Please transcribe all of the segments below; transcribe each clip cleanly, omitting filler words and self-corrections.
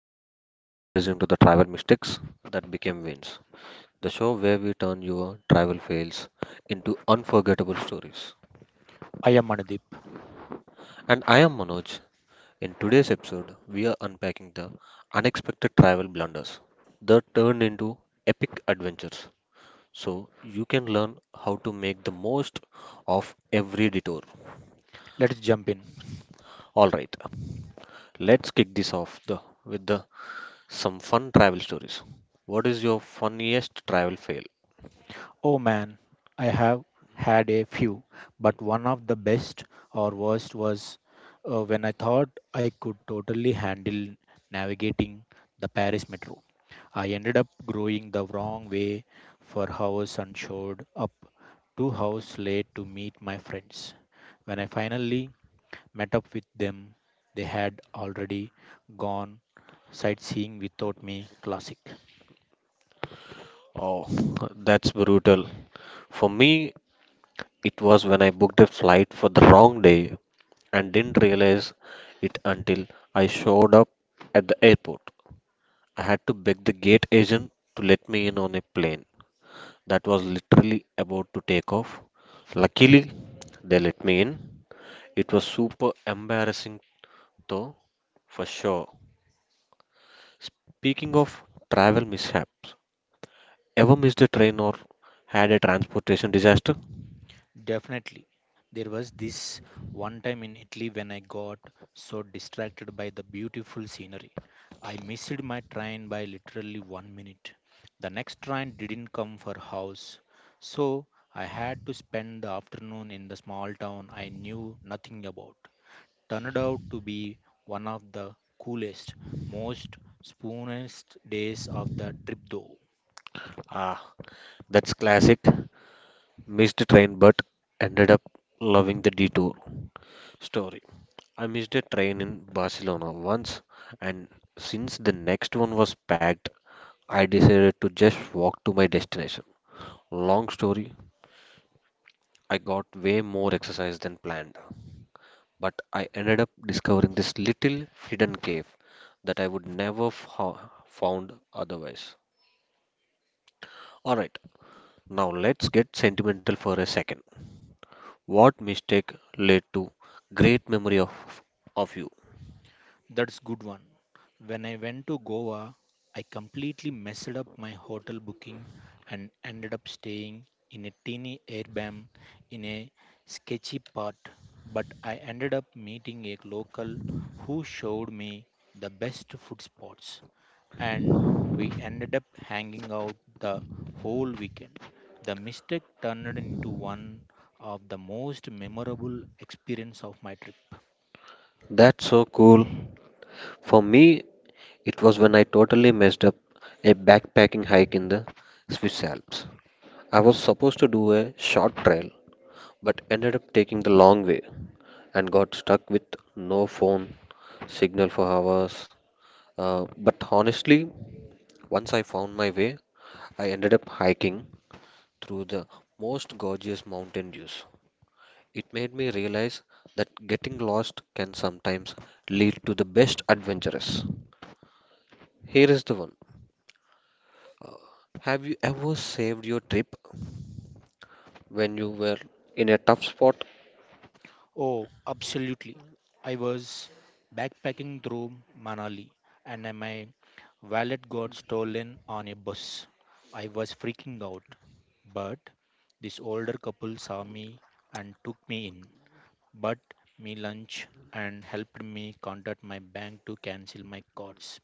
everyone, you're listening to the travel mistakes that became wins, the show where we turn your travel fails into unforgettable stories. I am Anudeep. And I am Manoj. In today's episode, we are unpacking the unexpected travel blunders that turned into epic adventures. So you can learn how to make the most of every detour. Let's jump in. All right, let's kick this off with the some fun travel stories. What is your funniest travel fail? Oh man, I have had a few, but one of the best or worst was when I thought I could totally handle navigating the Paris metro. I ended up going the wrong way for hours and showed up 2 hours late to meet my friends. When I finally met up with them, they had already gone sightseeing without me. Classic. Oh, that's brutal. For me, it was when I booked a flight for the wrong day and didn't realize it until I showed up at the airport. I had to beg the gate agent to let me in on a plane that was literally about to take off. Luckily, they let me in. It was super embarrassing though, for sure. Speaking of travel mishaps, ever missed a train or had a transportation disaster? Definitely. There was this one time in Italy when I got so distracted by the beautiful scenery. I missed my train by literally 1 minute. The next train didn't come for hours. So I had to spend the afternoon in the small town I knew nothing about. Turned out to be one of the coolest, most spoonest days of the trip though. Ah, that's classic. Missed train but ended up loving the detour story. I missed a train in Barcelona once, and since the next one was packed, I decided to just walk to my destination. Long story, I got way more exercise than planned, but I ended up discovering this little hidden cave that I would never have found otherwise. All right, now let's get sentimental for a second. What mistake led to great memory of you? That's good one. When I went to Goa, I completely messed up my hotel booking and ended up staying in a teeny airbnb in a sketchy part. But I ended up meeting a local who showed me the best food spots, and we ended up hanging out the whole weekend. The mistake turned into one of the most memorable experience of my trip. That's so cool. For me, it was when I totally messed up a backpacking hike in the Swiss Alps. I was supposed to do a short trail, but ended up taking the long way and got stuck with no phone signal for hours. But honestly, once I found my way, I ended up hiking through the most gorgeous mountain views. It made me realize that getting lost can sometimes lead to the best adventures. Here is the one. Uh, Have you ever saved your trip when you were in a tough spot? Oh, absolutely. I was backpacking through Manali and then my wallet got stolen on a bus. I was freaking out, but this older couple saw me and took me in, bought me lunch and helped me contact my bank to cancel my cards.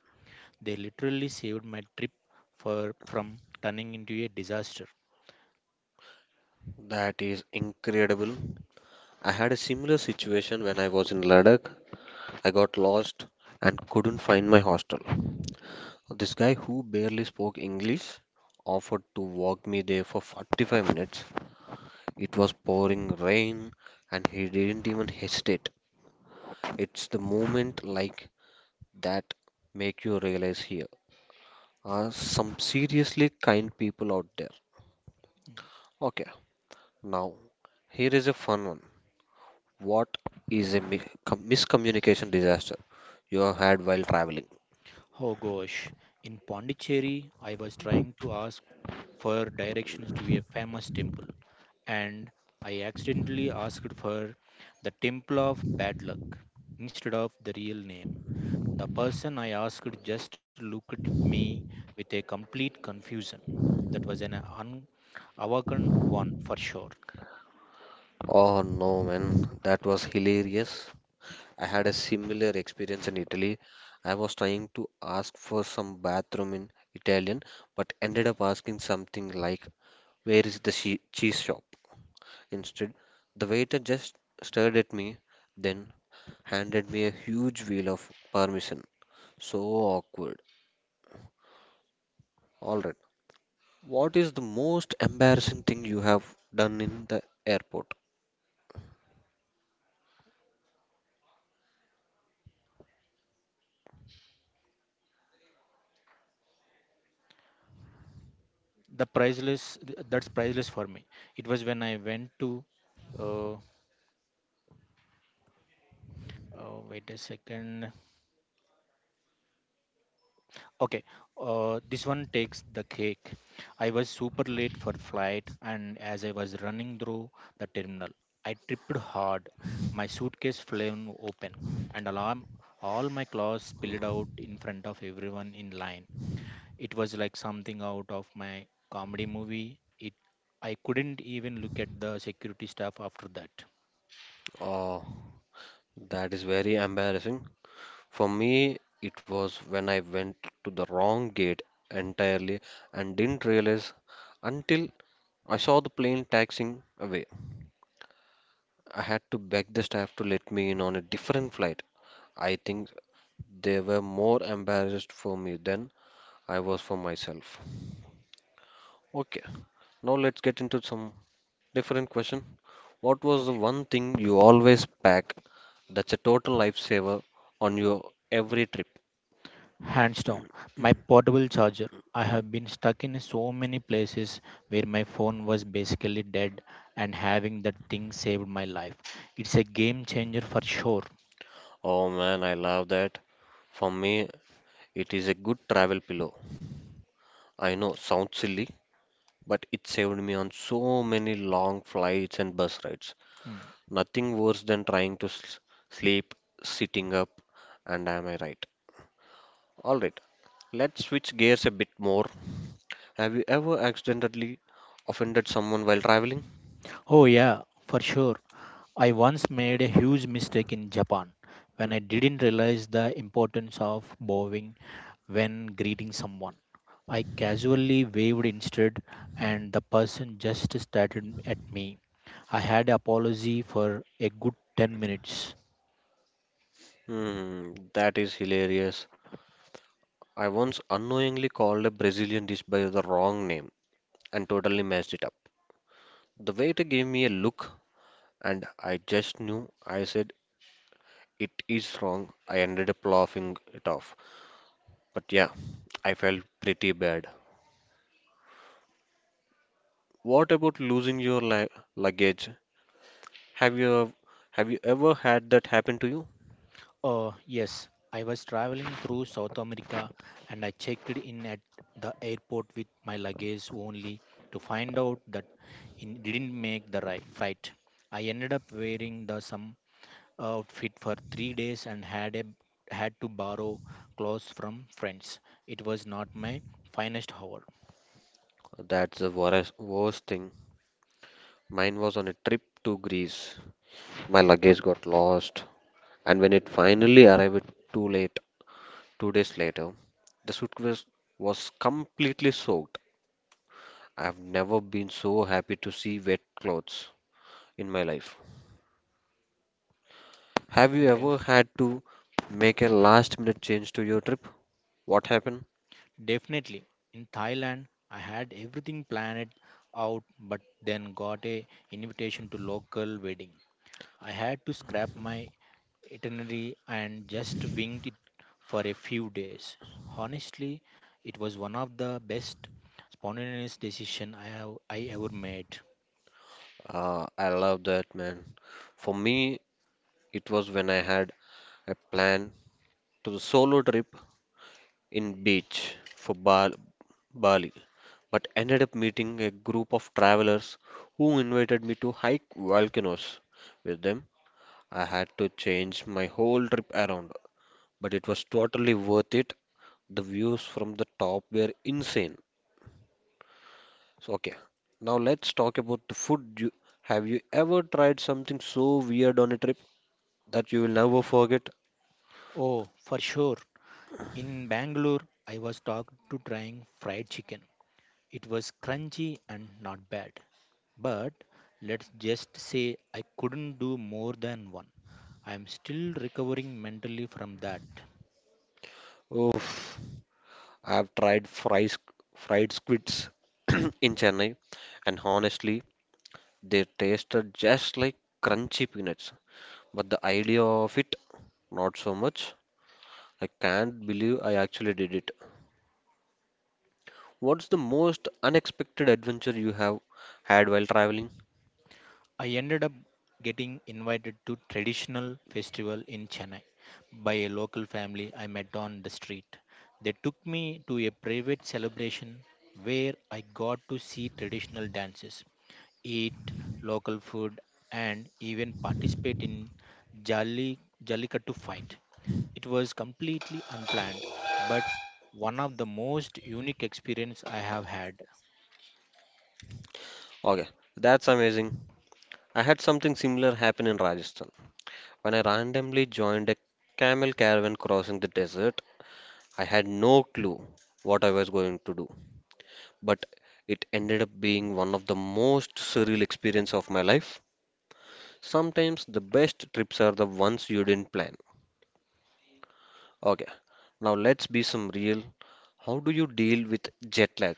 They literally saved my trip for from turning into a disaster. That is incredible. I had a similar situation when I was in Ladakh. I got lost and couldn't find my hostel. This guy who barely spoke English offered to walk me there for 45 minutes. It was pouring rain and he didn't even hesitate. It's the moment like that make you realize here are some seriously kind people out there. Okay, now here is a fun one. What is a miscommunication disaster you have had while traveling? Oh gosh, in Pondicherry, I was trying to ask for directions to a famous temple, and I accidentally asked for the Temple of Bad Luck instead of the real name. The person I asked just looked at me with a complete confusion. That was an one for sure. Oh no, man, that was hilarious. I had a similar experience in Italy. I was trying to ask for some bathroom in Italian, but ended up asking something like, "Where is the cheese shop?" Instead, the waiter just stared at me, then handed me a huge wheel of parmesan. So awkward. Alright, what is the most embarrassing thing you have done in the airport? The priceless, that's priceless for me. It was when I went to, uh, wait a second. Okay, this one takes the cake. I was super late for flight, and as I was running through the terminal, I tripped hard. My suitcase flew open, and alarm, all my clothes spilled out in front of everyone in line. It was like something out of my comedy movie. I couldn't even look at the security staff after that. Oh, that is very embarrassing. For me, it was when I went to the wrong gate entirely and didn't realize until I saw the plane taxiing away. I had to beg the staff to let me in on a different flight. I think they were more embarrassed for me than I was for myself. Okay, now let's get into some different question. What was the Okay. one thing you always pack that's a total lifesaver on your every trip? Hands down, my portable charger. I have been stuck in so many places where my phone was basically dead, and having that thing saved my life. It's a game changer for sure. Oh man, I love that. For me, it is a good travel pillow. I know, sounds silly, but it saved me on so many long flights and bus rides. Mm. Nothing worse than trying to sleep sitting up, and am I right? All right, let's switch gears a bit more. Have you ever accidentally offended someone while traveling? Oh, yeah, for sure. I once made a huge mistake in Japan when I didn't realize the importance of bowing when greeting someone. I casually waved instead, and the person just stared at me. I had apology for a good 10 minutes. Hmm, that is hilarious. I once unknowingly called a Brazilian dish by the wrong name and totally messed it up. The waiter gave me a look and I just knew I said it is wrong. I ended up laughing it off. But yeah, I felt pretty bad. What about losing your li luggage? Have you have you ever had that happen to you? Yes, I was traveling through South America and I checked in at the airport with my luggage only to find out that it didn't make the right flight. I ended up wearing the some outfit for 3 days and had to borrow clothes from friends. It was not my finest hour. That's the worst thing. Mine was on a trip to Greece. My luggage got lost, and when it finally arrived, it too late. Two days later, the suitcase was completely soaked. I've never been so happy to see wet clothes in my life. Have you Okay. ever had to make a last minute change to your trip? What happened? Definitely in Thailand I had everything planned out but then got a invitation to local wedding. I had to scrap my itinerary and just winged it for a few days. Honestly, it was one of the best spontaneous decision I ever made. I love that, man. For me, it was when I had a plan to the solo trip in beach for Bali, but ended up meeting a group of travelers who invited me to hike volcanoes with them. I had to change my whole trip around, but it was totally worth it. The views from the top were insane. So, okay, now let's talk about the food. You, have you ever tried something so weird on a trip that you will never forget? Oh, for sure. In Bangalore, I was talked to trying fried chicken. It was crunchy and not bad. But let's just say I couldn't do more than one. I am still recovering mentally from that. Oof. I've tried fried squids in Chennai, and honestly, they tasted just like crunchy peanuts. But the idea of it, not so much. I can't believe I actually did it. What's the most unexpected adventure you have had while traveling? I ended up getting invited to traditional festival in Chennai by a local family I met on the street. They took me to a private celebration where I got to see traditional dances, eat local food, and even participate in Jalli, Jallikattu fight. It was completely unplanned, but one of the most unique experience I have had. Okay, that's amazing. I had something similar happen in Rajasthan. When I randomly joined a camel caravan crossing the desert, I had no clue what I was going to do, but it ended up being one of the most surreal experience of my life. Sometimes the best trips are the ones you didn't plan. Okay, now let's be some real. How do you deal with jet lag?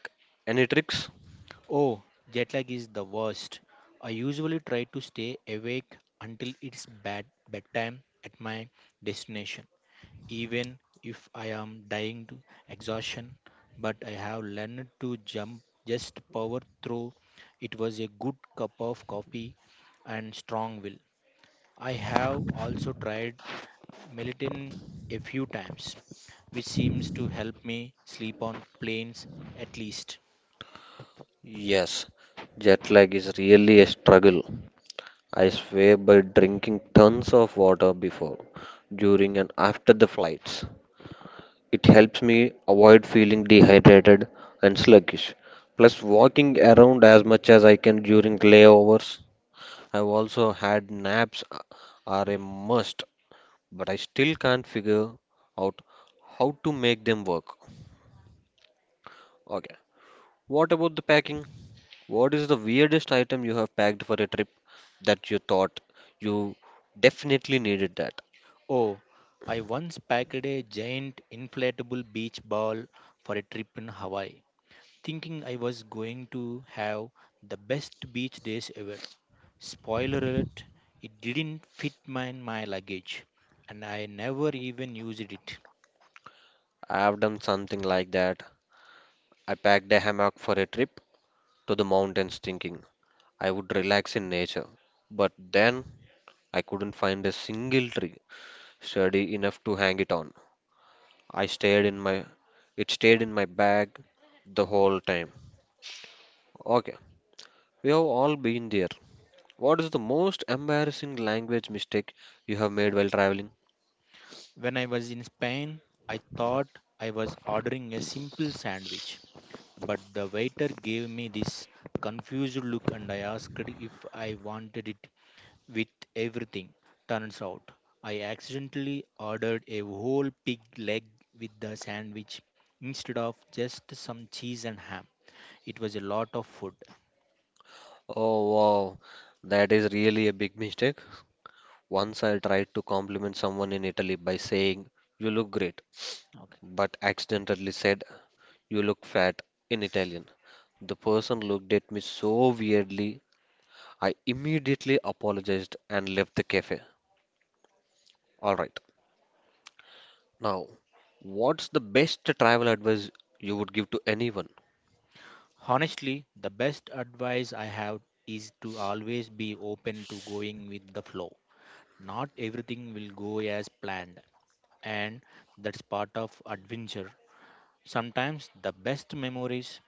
Any tricks? Oh, jet lag is the worst. I usually try to stay awake until it's bedtime at my destination, even if I am dying to exhaustion, but I have learned to jump just power through. It was a good cup of coffee and strong will. I have also tried melatonin a few times, which seems to help me sleep on planes at least. Yes, jet lag is really a struggle. I swear by drinking tons of water before, during, and after the flights. It helps me avoid feeling dehydrated and sluggish. Plus, walking around as much as I can during layovers. I've also had naps are a must, but I still can't figure out how to make them work. Okay. What about the packing? What is the weirdest item you have packed for a trip that you thought you definitely needed that? Oh, I once packed a giant inflatable beach ball for a trip in Hawaii, thinking I was going to have the best beach days ever. Spoiler alert, it didn't fit my luggage and I never even used it. I have done something like that. I packed a hammock for a trip to the mountains thinking I would relax in nature. But then I couldn't find a single tree sturdy enough to hang it on. I stayed in my It stayed in my bag the whole time. Okay, we have all been there. What is the most embarrassing language mistake you have made while traveling? When I was in Spain, I thought I was ordering a simple sandwich, but the waiter gave me this confused look and I asked if I wanted it with everything. Turns out, I accidentally ordered a whole pig leg with the sandwich instead of just some cheese and ham. It was a lot of food. Oh wow, that is really a big mistake. Once I tried to compliment someone in Italy by saying, "You look great," but accidentally said, "You look fat" in Italian. The person looked at me so weirdly. I immediately apologized and left the cafe. All right. Now, what's the best travel advice you would give to anyone? Honestly, the best advice I have is to always be open to going with the flow. Not everything will go as planned, and that's part of adventure. Sometimes the best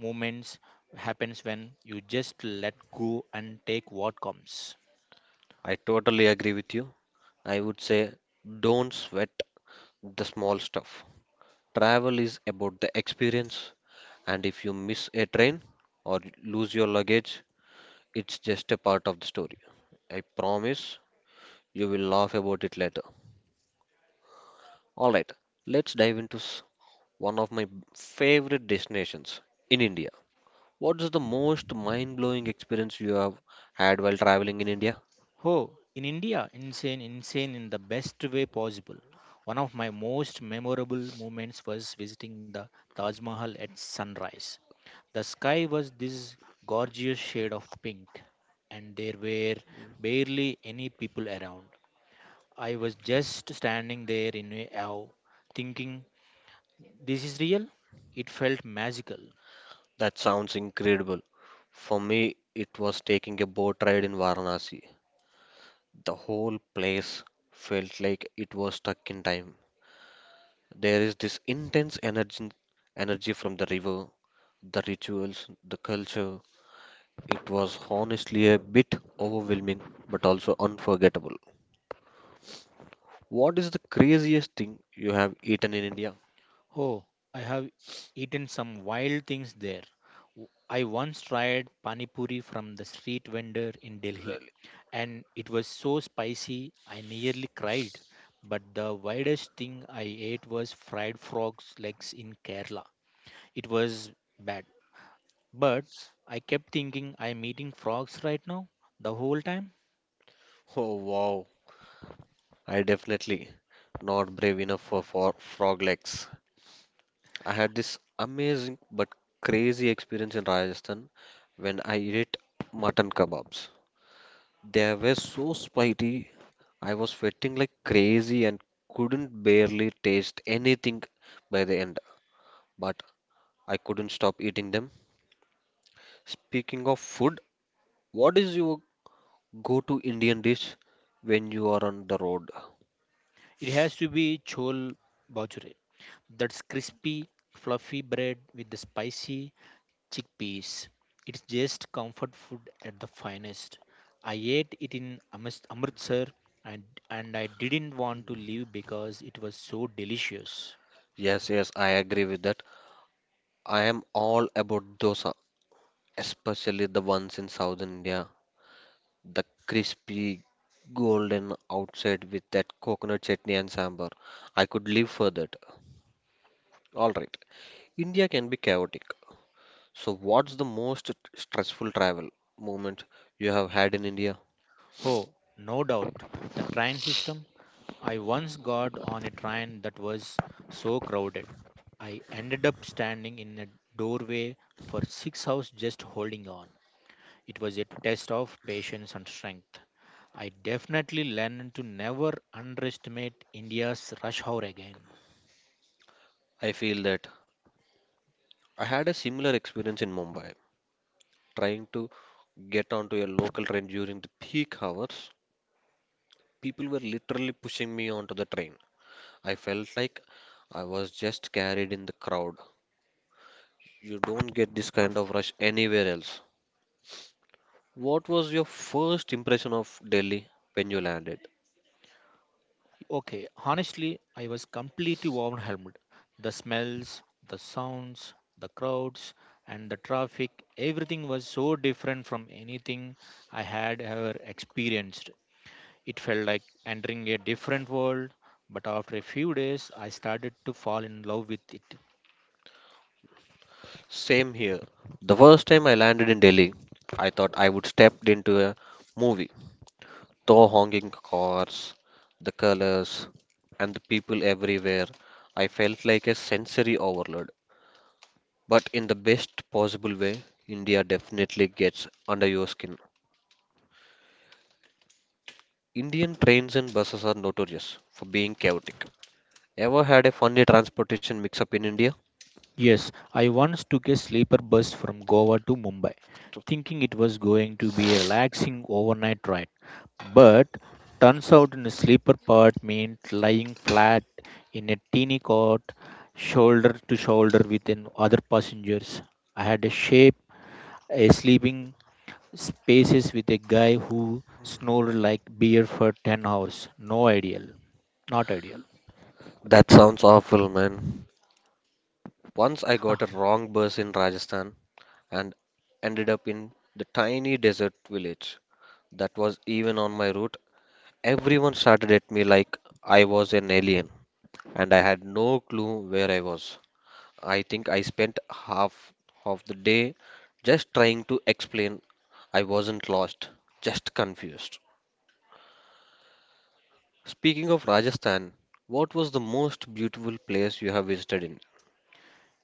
moments happens when you just let go and take what comes. I totally agree with you. I would say don't sweat the small stuff. Travel is about the experience, and if you miss a train or lose your luggage, it's just a part of the story. I promise you will laugh about it later. All right, let's dive into one of my favorite destinations in India. What is the most mind-blowing experience you have had while traveling in India? Oh, in India, insane in the best way possible. One of my most memorable moments was visiting the Taj Mahal at sunrise. The sky was this gorgeous shade of pink, and there were barely any people around. I was just standing there in a awe, thinking, this is real? It felt magical. That sounds incredible. For me, it was taking a boat ride in Varanasi. The whole place felt like it was stuck in time. There is this intense energy from the river, the rituals, the culture. It was honestly a bit overwhelming, but also unforgettable. What is the craziest thing you have eaten in India? Oh, I have eaten some wild things there. I once tried pani puri from the street vendor in Delhi, and it was so spicy I nearly cried. But the wildest thing I ate was fried frogs' legs in Kerala. It was bad. But I kept thinking I'm eating frogs right now the whole time. Oh wow, I definitely not brave enough for frog legs. I had this amazing but crazy experience in Rajasthan when I ate mutton kebabs. They were so spicy. I was sweating like crazy and couldn't barely taste anything by the end, but I couldn't stop eating them. Speaking of food, what is your go-to Indian dish when you are on the road? It has to be chol bhature. That's crispy, fluffy bread with the spicy chickpeas. It's just comfort food at the finest. I ate it in Amritsar and, and I didn't want to leave because it was so delicious. Yes, yes, I agree with that. I am all about dosa, especially the ones in southern India. The crispy, golden outside with that coconut chutney and sambar. I could live for that. All right. India can be chaotic. So, what's the most stressful travel moment you have had in India? Oh, no doubt. The train system, I once got on a train that was so crowded. I ended up standing in a doorway for 6 hours just holding on. It was a test of patience and strength. I definitely learned to never underestimate India's rush hour again. I feel that I had a similar experience in Mumbai, trying to get onto a local train during the peak hours. People were literally pushing me onto the train. I felt like I was just carried in the crowd. You don't get this kind of rush anywhere else. What was your first impression of Delhi when you landed? Okay, honestly, I was completely overwhelmed. The smells, the sounds, the crowds, and the traffic, everything was so different from anything I had ever experienced. It felt like entering a different world, but after a few days, I started to fall in love with it. Same here. The first time I landed in Delhi, I thought I would step into a movie. The honking cars, the colors, and the people everywhere, I felt like a sensory overload. But in the best possible way, India definitely gets under your skin. Indian trains and buses are notorious for being chaotic. Ever had a funny transportation mix up in India? Yes, I once took a sleeper bus from Goa to Mumbai, thinking it was going to be a relaxing overnight ride. But turns out in a sleeper part meant lying flat in a teeny cot, shoulder to shoulder with an other passengers. I had a shape, a sleeping Spaces with a guy who snored like beer for 10 hours. No ideal. Not ideal. That sounds awful, man. Once I got a Huh. wrong bus in Rajasthan and ended up in the tiny desert village that was even on my route. Everyone started at me like I was an alien, and I had no clue where I was. I think I spent half of the day just trying to explain I wasn't lost, just confused. Speaking of Rajasthan, what was the most beautiful place you have visited in?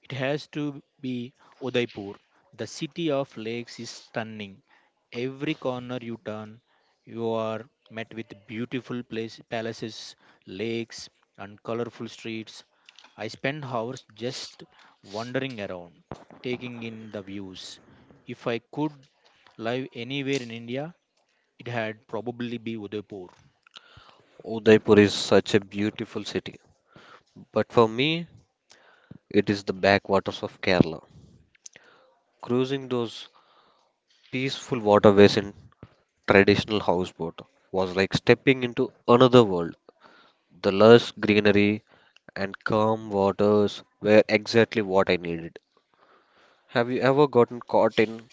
It has to be Udaipur. The city of lakes is stunning. Every corner you turn, you are met with beautiful palaces, lakes, and colorful streets. I spend hours just wandering around, taking in the views. If I could live anywhere in India, it had probably be Udaipur. Udaipur is such a beautiful city, but for me, it is the backwaters of Kerala. Cruising those peaceful waterways in traditional houseboat was like stepping into another world. The lush greenery and calm waters were exactly what I needed. Have you ever gotten caught in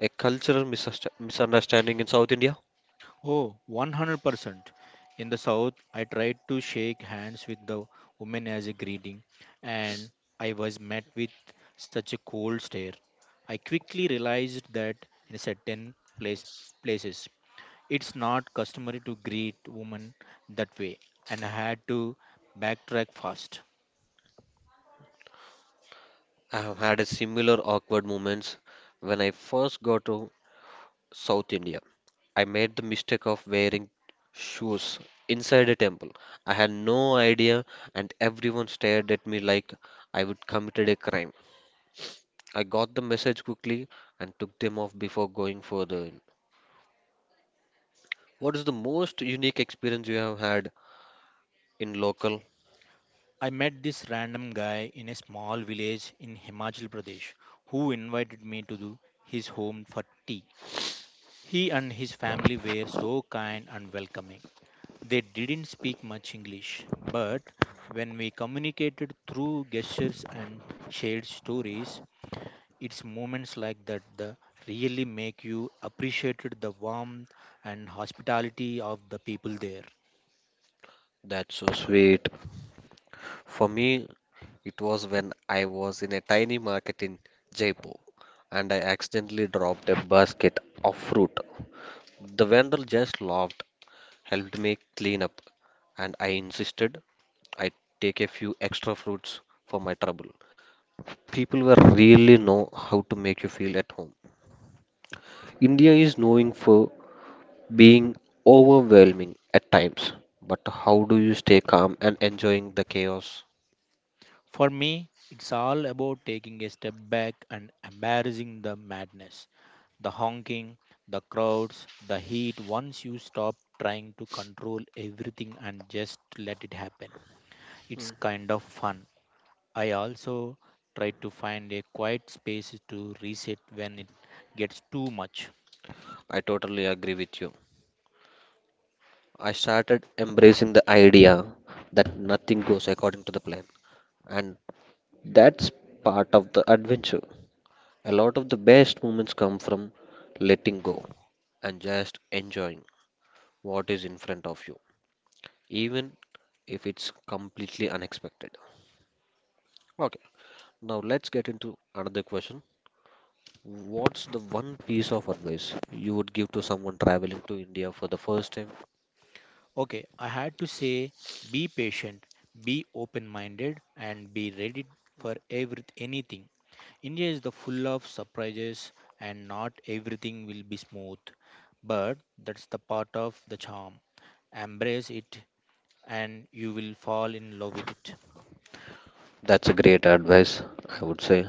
a cultural misunderstanding in South India? Oh, 100%. In the South, I tried to shake hands with the woman as a greeting, and I was met with such a cold stare. I quickly realized that in certain place, places, it's not customary to greet women that way, and I had to backtrack fast. I have had a similar awkward moments when I first got to South India. I made the mistake of wearing shoes inside a temple. I had no idea, and everyone stared at me like I would committed a crime. I got the message quickly and took them off before going further in. What is the most unique experience you have had in local? I met this random guy in a small village in Himachal Pradesh who invited me to do his home for tea. He and his family were so kind and welcoming. They didn't speak much English, but when we communicated through gestures and shared stories, it's moments like that that really make you appreciate the warmth and hospitality of the people there. That's so sweet. For me, it was when I was in a tiny market in Jaipur and I accidentally dropped a basket of fruit. The vendor just laughed, helped me clean up, and I insisted I take a few extra fruits for my trouble. People were really know how to make you feel at home. India is known for being overwhelming at times, but how do you stay calm and enjoying the chaos? For me, it's all about taking a step back and embarrassing the madness, the honking, the crowds, the heat once you stop trying to control everything and just let it happen. It's kind of fun. I also try to find a quiet space to reset when it gets too much. I totally agree with you. I started embracing the idea that nothing goes according to the plan. And that's part of the adventure. A lot of the best moments come from letting go and just enjoying what is in front of you, even if it's completely unexpected. Okay, now let's get into another question. What's the one piece of advice you would give to someone traveling to India for the first time? Okay, I had to say be patient, be open minded, and be ready for anything. India is the full of surprises and not everything will be smooth, but that's the part of the charm. Embrace it and you will fall in love with it. That's a great advice, I would say.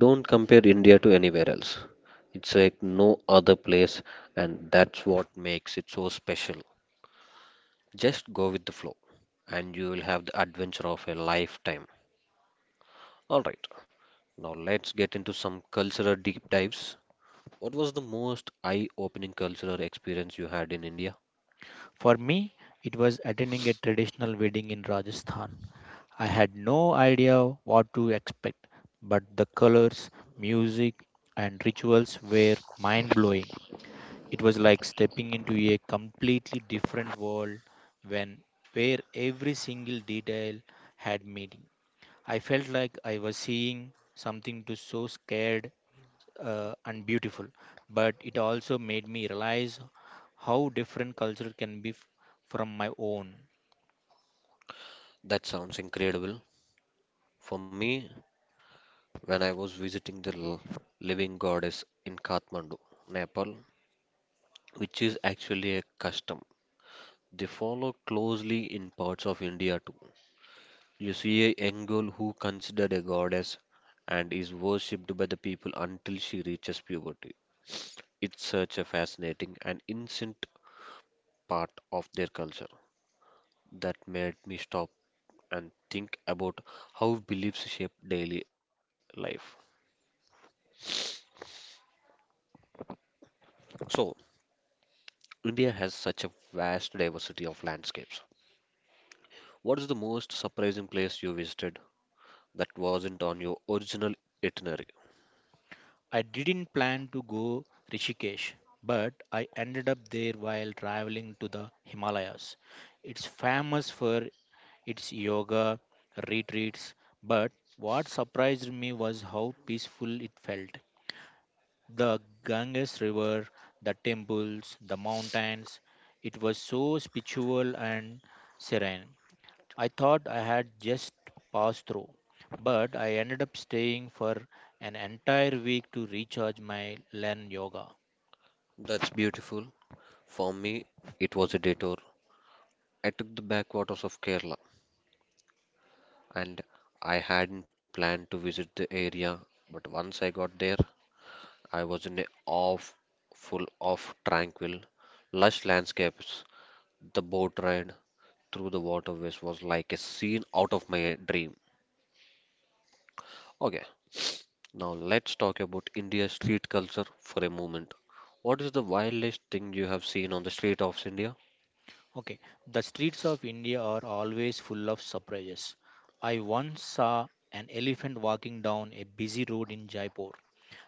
Don't compare India to anywhere else. It's like no other place, and that's what makes it so special. Just go with the flow, and you will have the adventure of a lifetime. All right, now let's get into some cultural deep dives. What was the most eye opening cultural experience you had in India? For me, it was attending a traditional wedding in Rajasthan. I had no idea what to expect, but the colors, music, and rituals were mind blowing. It was like stepping into a completely different world when where every single detail had meaning. I felt like I was seeing something to so scared and beautiful, but it also made me realize how different culture can be from my own. That sounds incredible. For me, when I was visiting the living goddess in Kathmandu, Nepal, which is actually a custom. They follow closely in parts of India too. You see a young girl who considered a goddess and is worshipped by the people until she reaches puberty. It's such a fascinating and ancient part of their culture that made me stop and think about how beliefs shape daily life. So, India has such a vast diversity of landscapes. What is the most surprising place you visited that wasn't on your original itinerary? I didn't plan to go Rishikesh, but I ended up there while traveling to the Himalayas. It's famous for its yoga retreats, but what surprised me was how peaceful it felt. The Ganges River, the temples, the mountains, it was so spiritual and serene. I thought I had just passed through, but I ended up staying for an entire week to recharge my learn yoga. That's beautiful. For me, it was a detour. I took the backwaters of Kerala, and I hadn't planned to visit the area, but once I got there, I was in a awe full of tranquil, lush landscapes. The boat ride through the waterways was like a scene out of my dream. Okay, now let's talk about India's street culture for a moment. What is the wildest thing you have seen on the street of India? Okay, the streets of India are always full of surprises. I once saw an elephant walking down a busy road in Jaipur,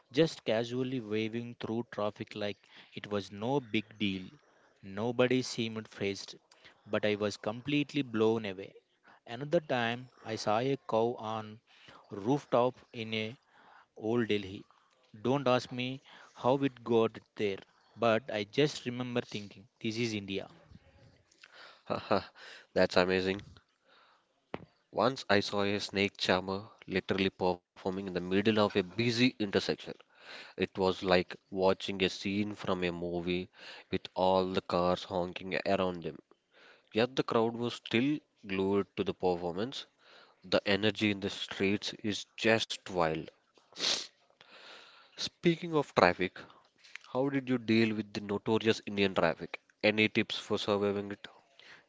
just casually waving through traffic like it was no big deal. Nobody seemed phased, but I was completely blown away. Another time, I saw a cow on rooftop in a old Delhi. Don't ask me how it got there, but I just remember thinking, this is India. Haha, that's amazing. Once I saw a snake charmer literally performing in the middle of a busy intersection. It was like watching a scene from a movie with all the cars honking around them. Yet the crowd was still glued to the performance. The energy in the streets is just wild. Speaking of traffic, how did you deal with the notorious Indian traffic? Any tips for surviving it?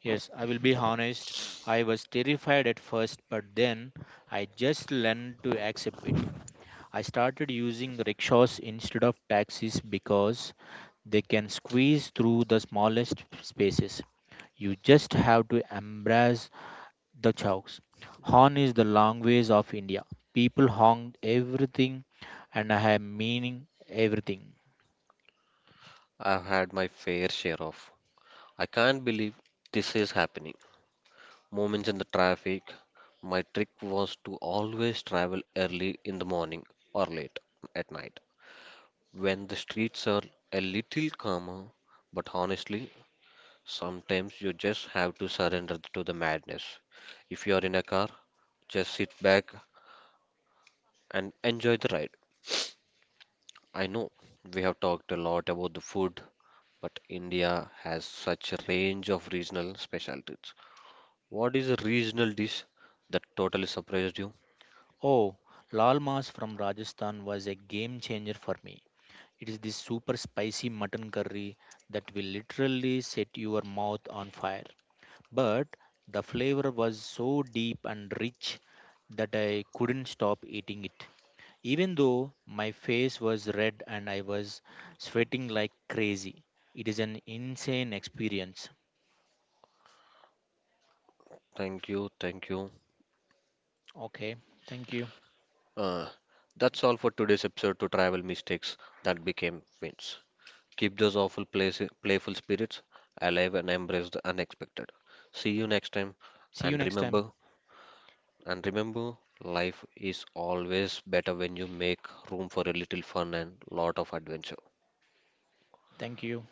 Yes, I will be honest, I was terrified at first, but then I just learned to accept it. I started using rickshaws instead of taxis because they can squeeze through the smallest spaces. You just have to embrace the chowks. Horn is the long ways of India. People honk everything and I have meaning everything. I've had my fair share of "I can't believe this is happening" moments in the traffic. My trick was to always travel early in the morning or late at night when the streets are a little calmer. But honestly, sometimes you just have to surrender to the madness. If you are in a car, just sit back and enjoy the ride. I know we have talked a lot about the food, but India has such a range of regional specialties. What is a regional dish that totally surprised you? Oh, Lal Mas from Rajasthan was a game changer for me. It is this super spicy mutton curry that will literally set your mouth on fire, but the flavor was so deep and rich that I couldn't stop eating it. Even though my face was red and I was sweating like crazy, it is an insane experience. Thank you, thank you. Okay, thank you. Uh, that's all for today's episode to travel mistakes that became wins. Keep those playful spirits alive and embrace the unexpected. See you next time, See and you next remember time. and remember life is always better when you make room for a little fun and lot of adventure. Thank you.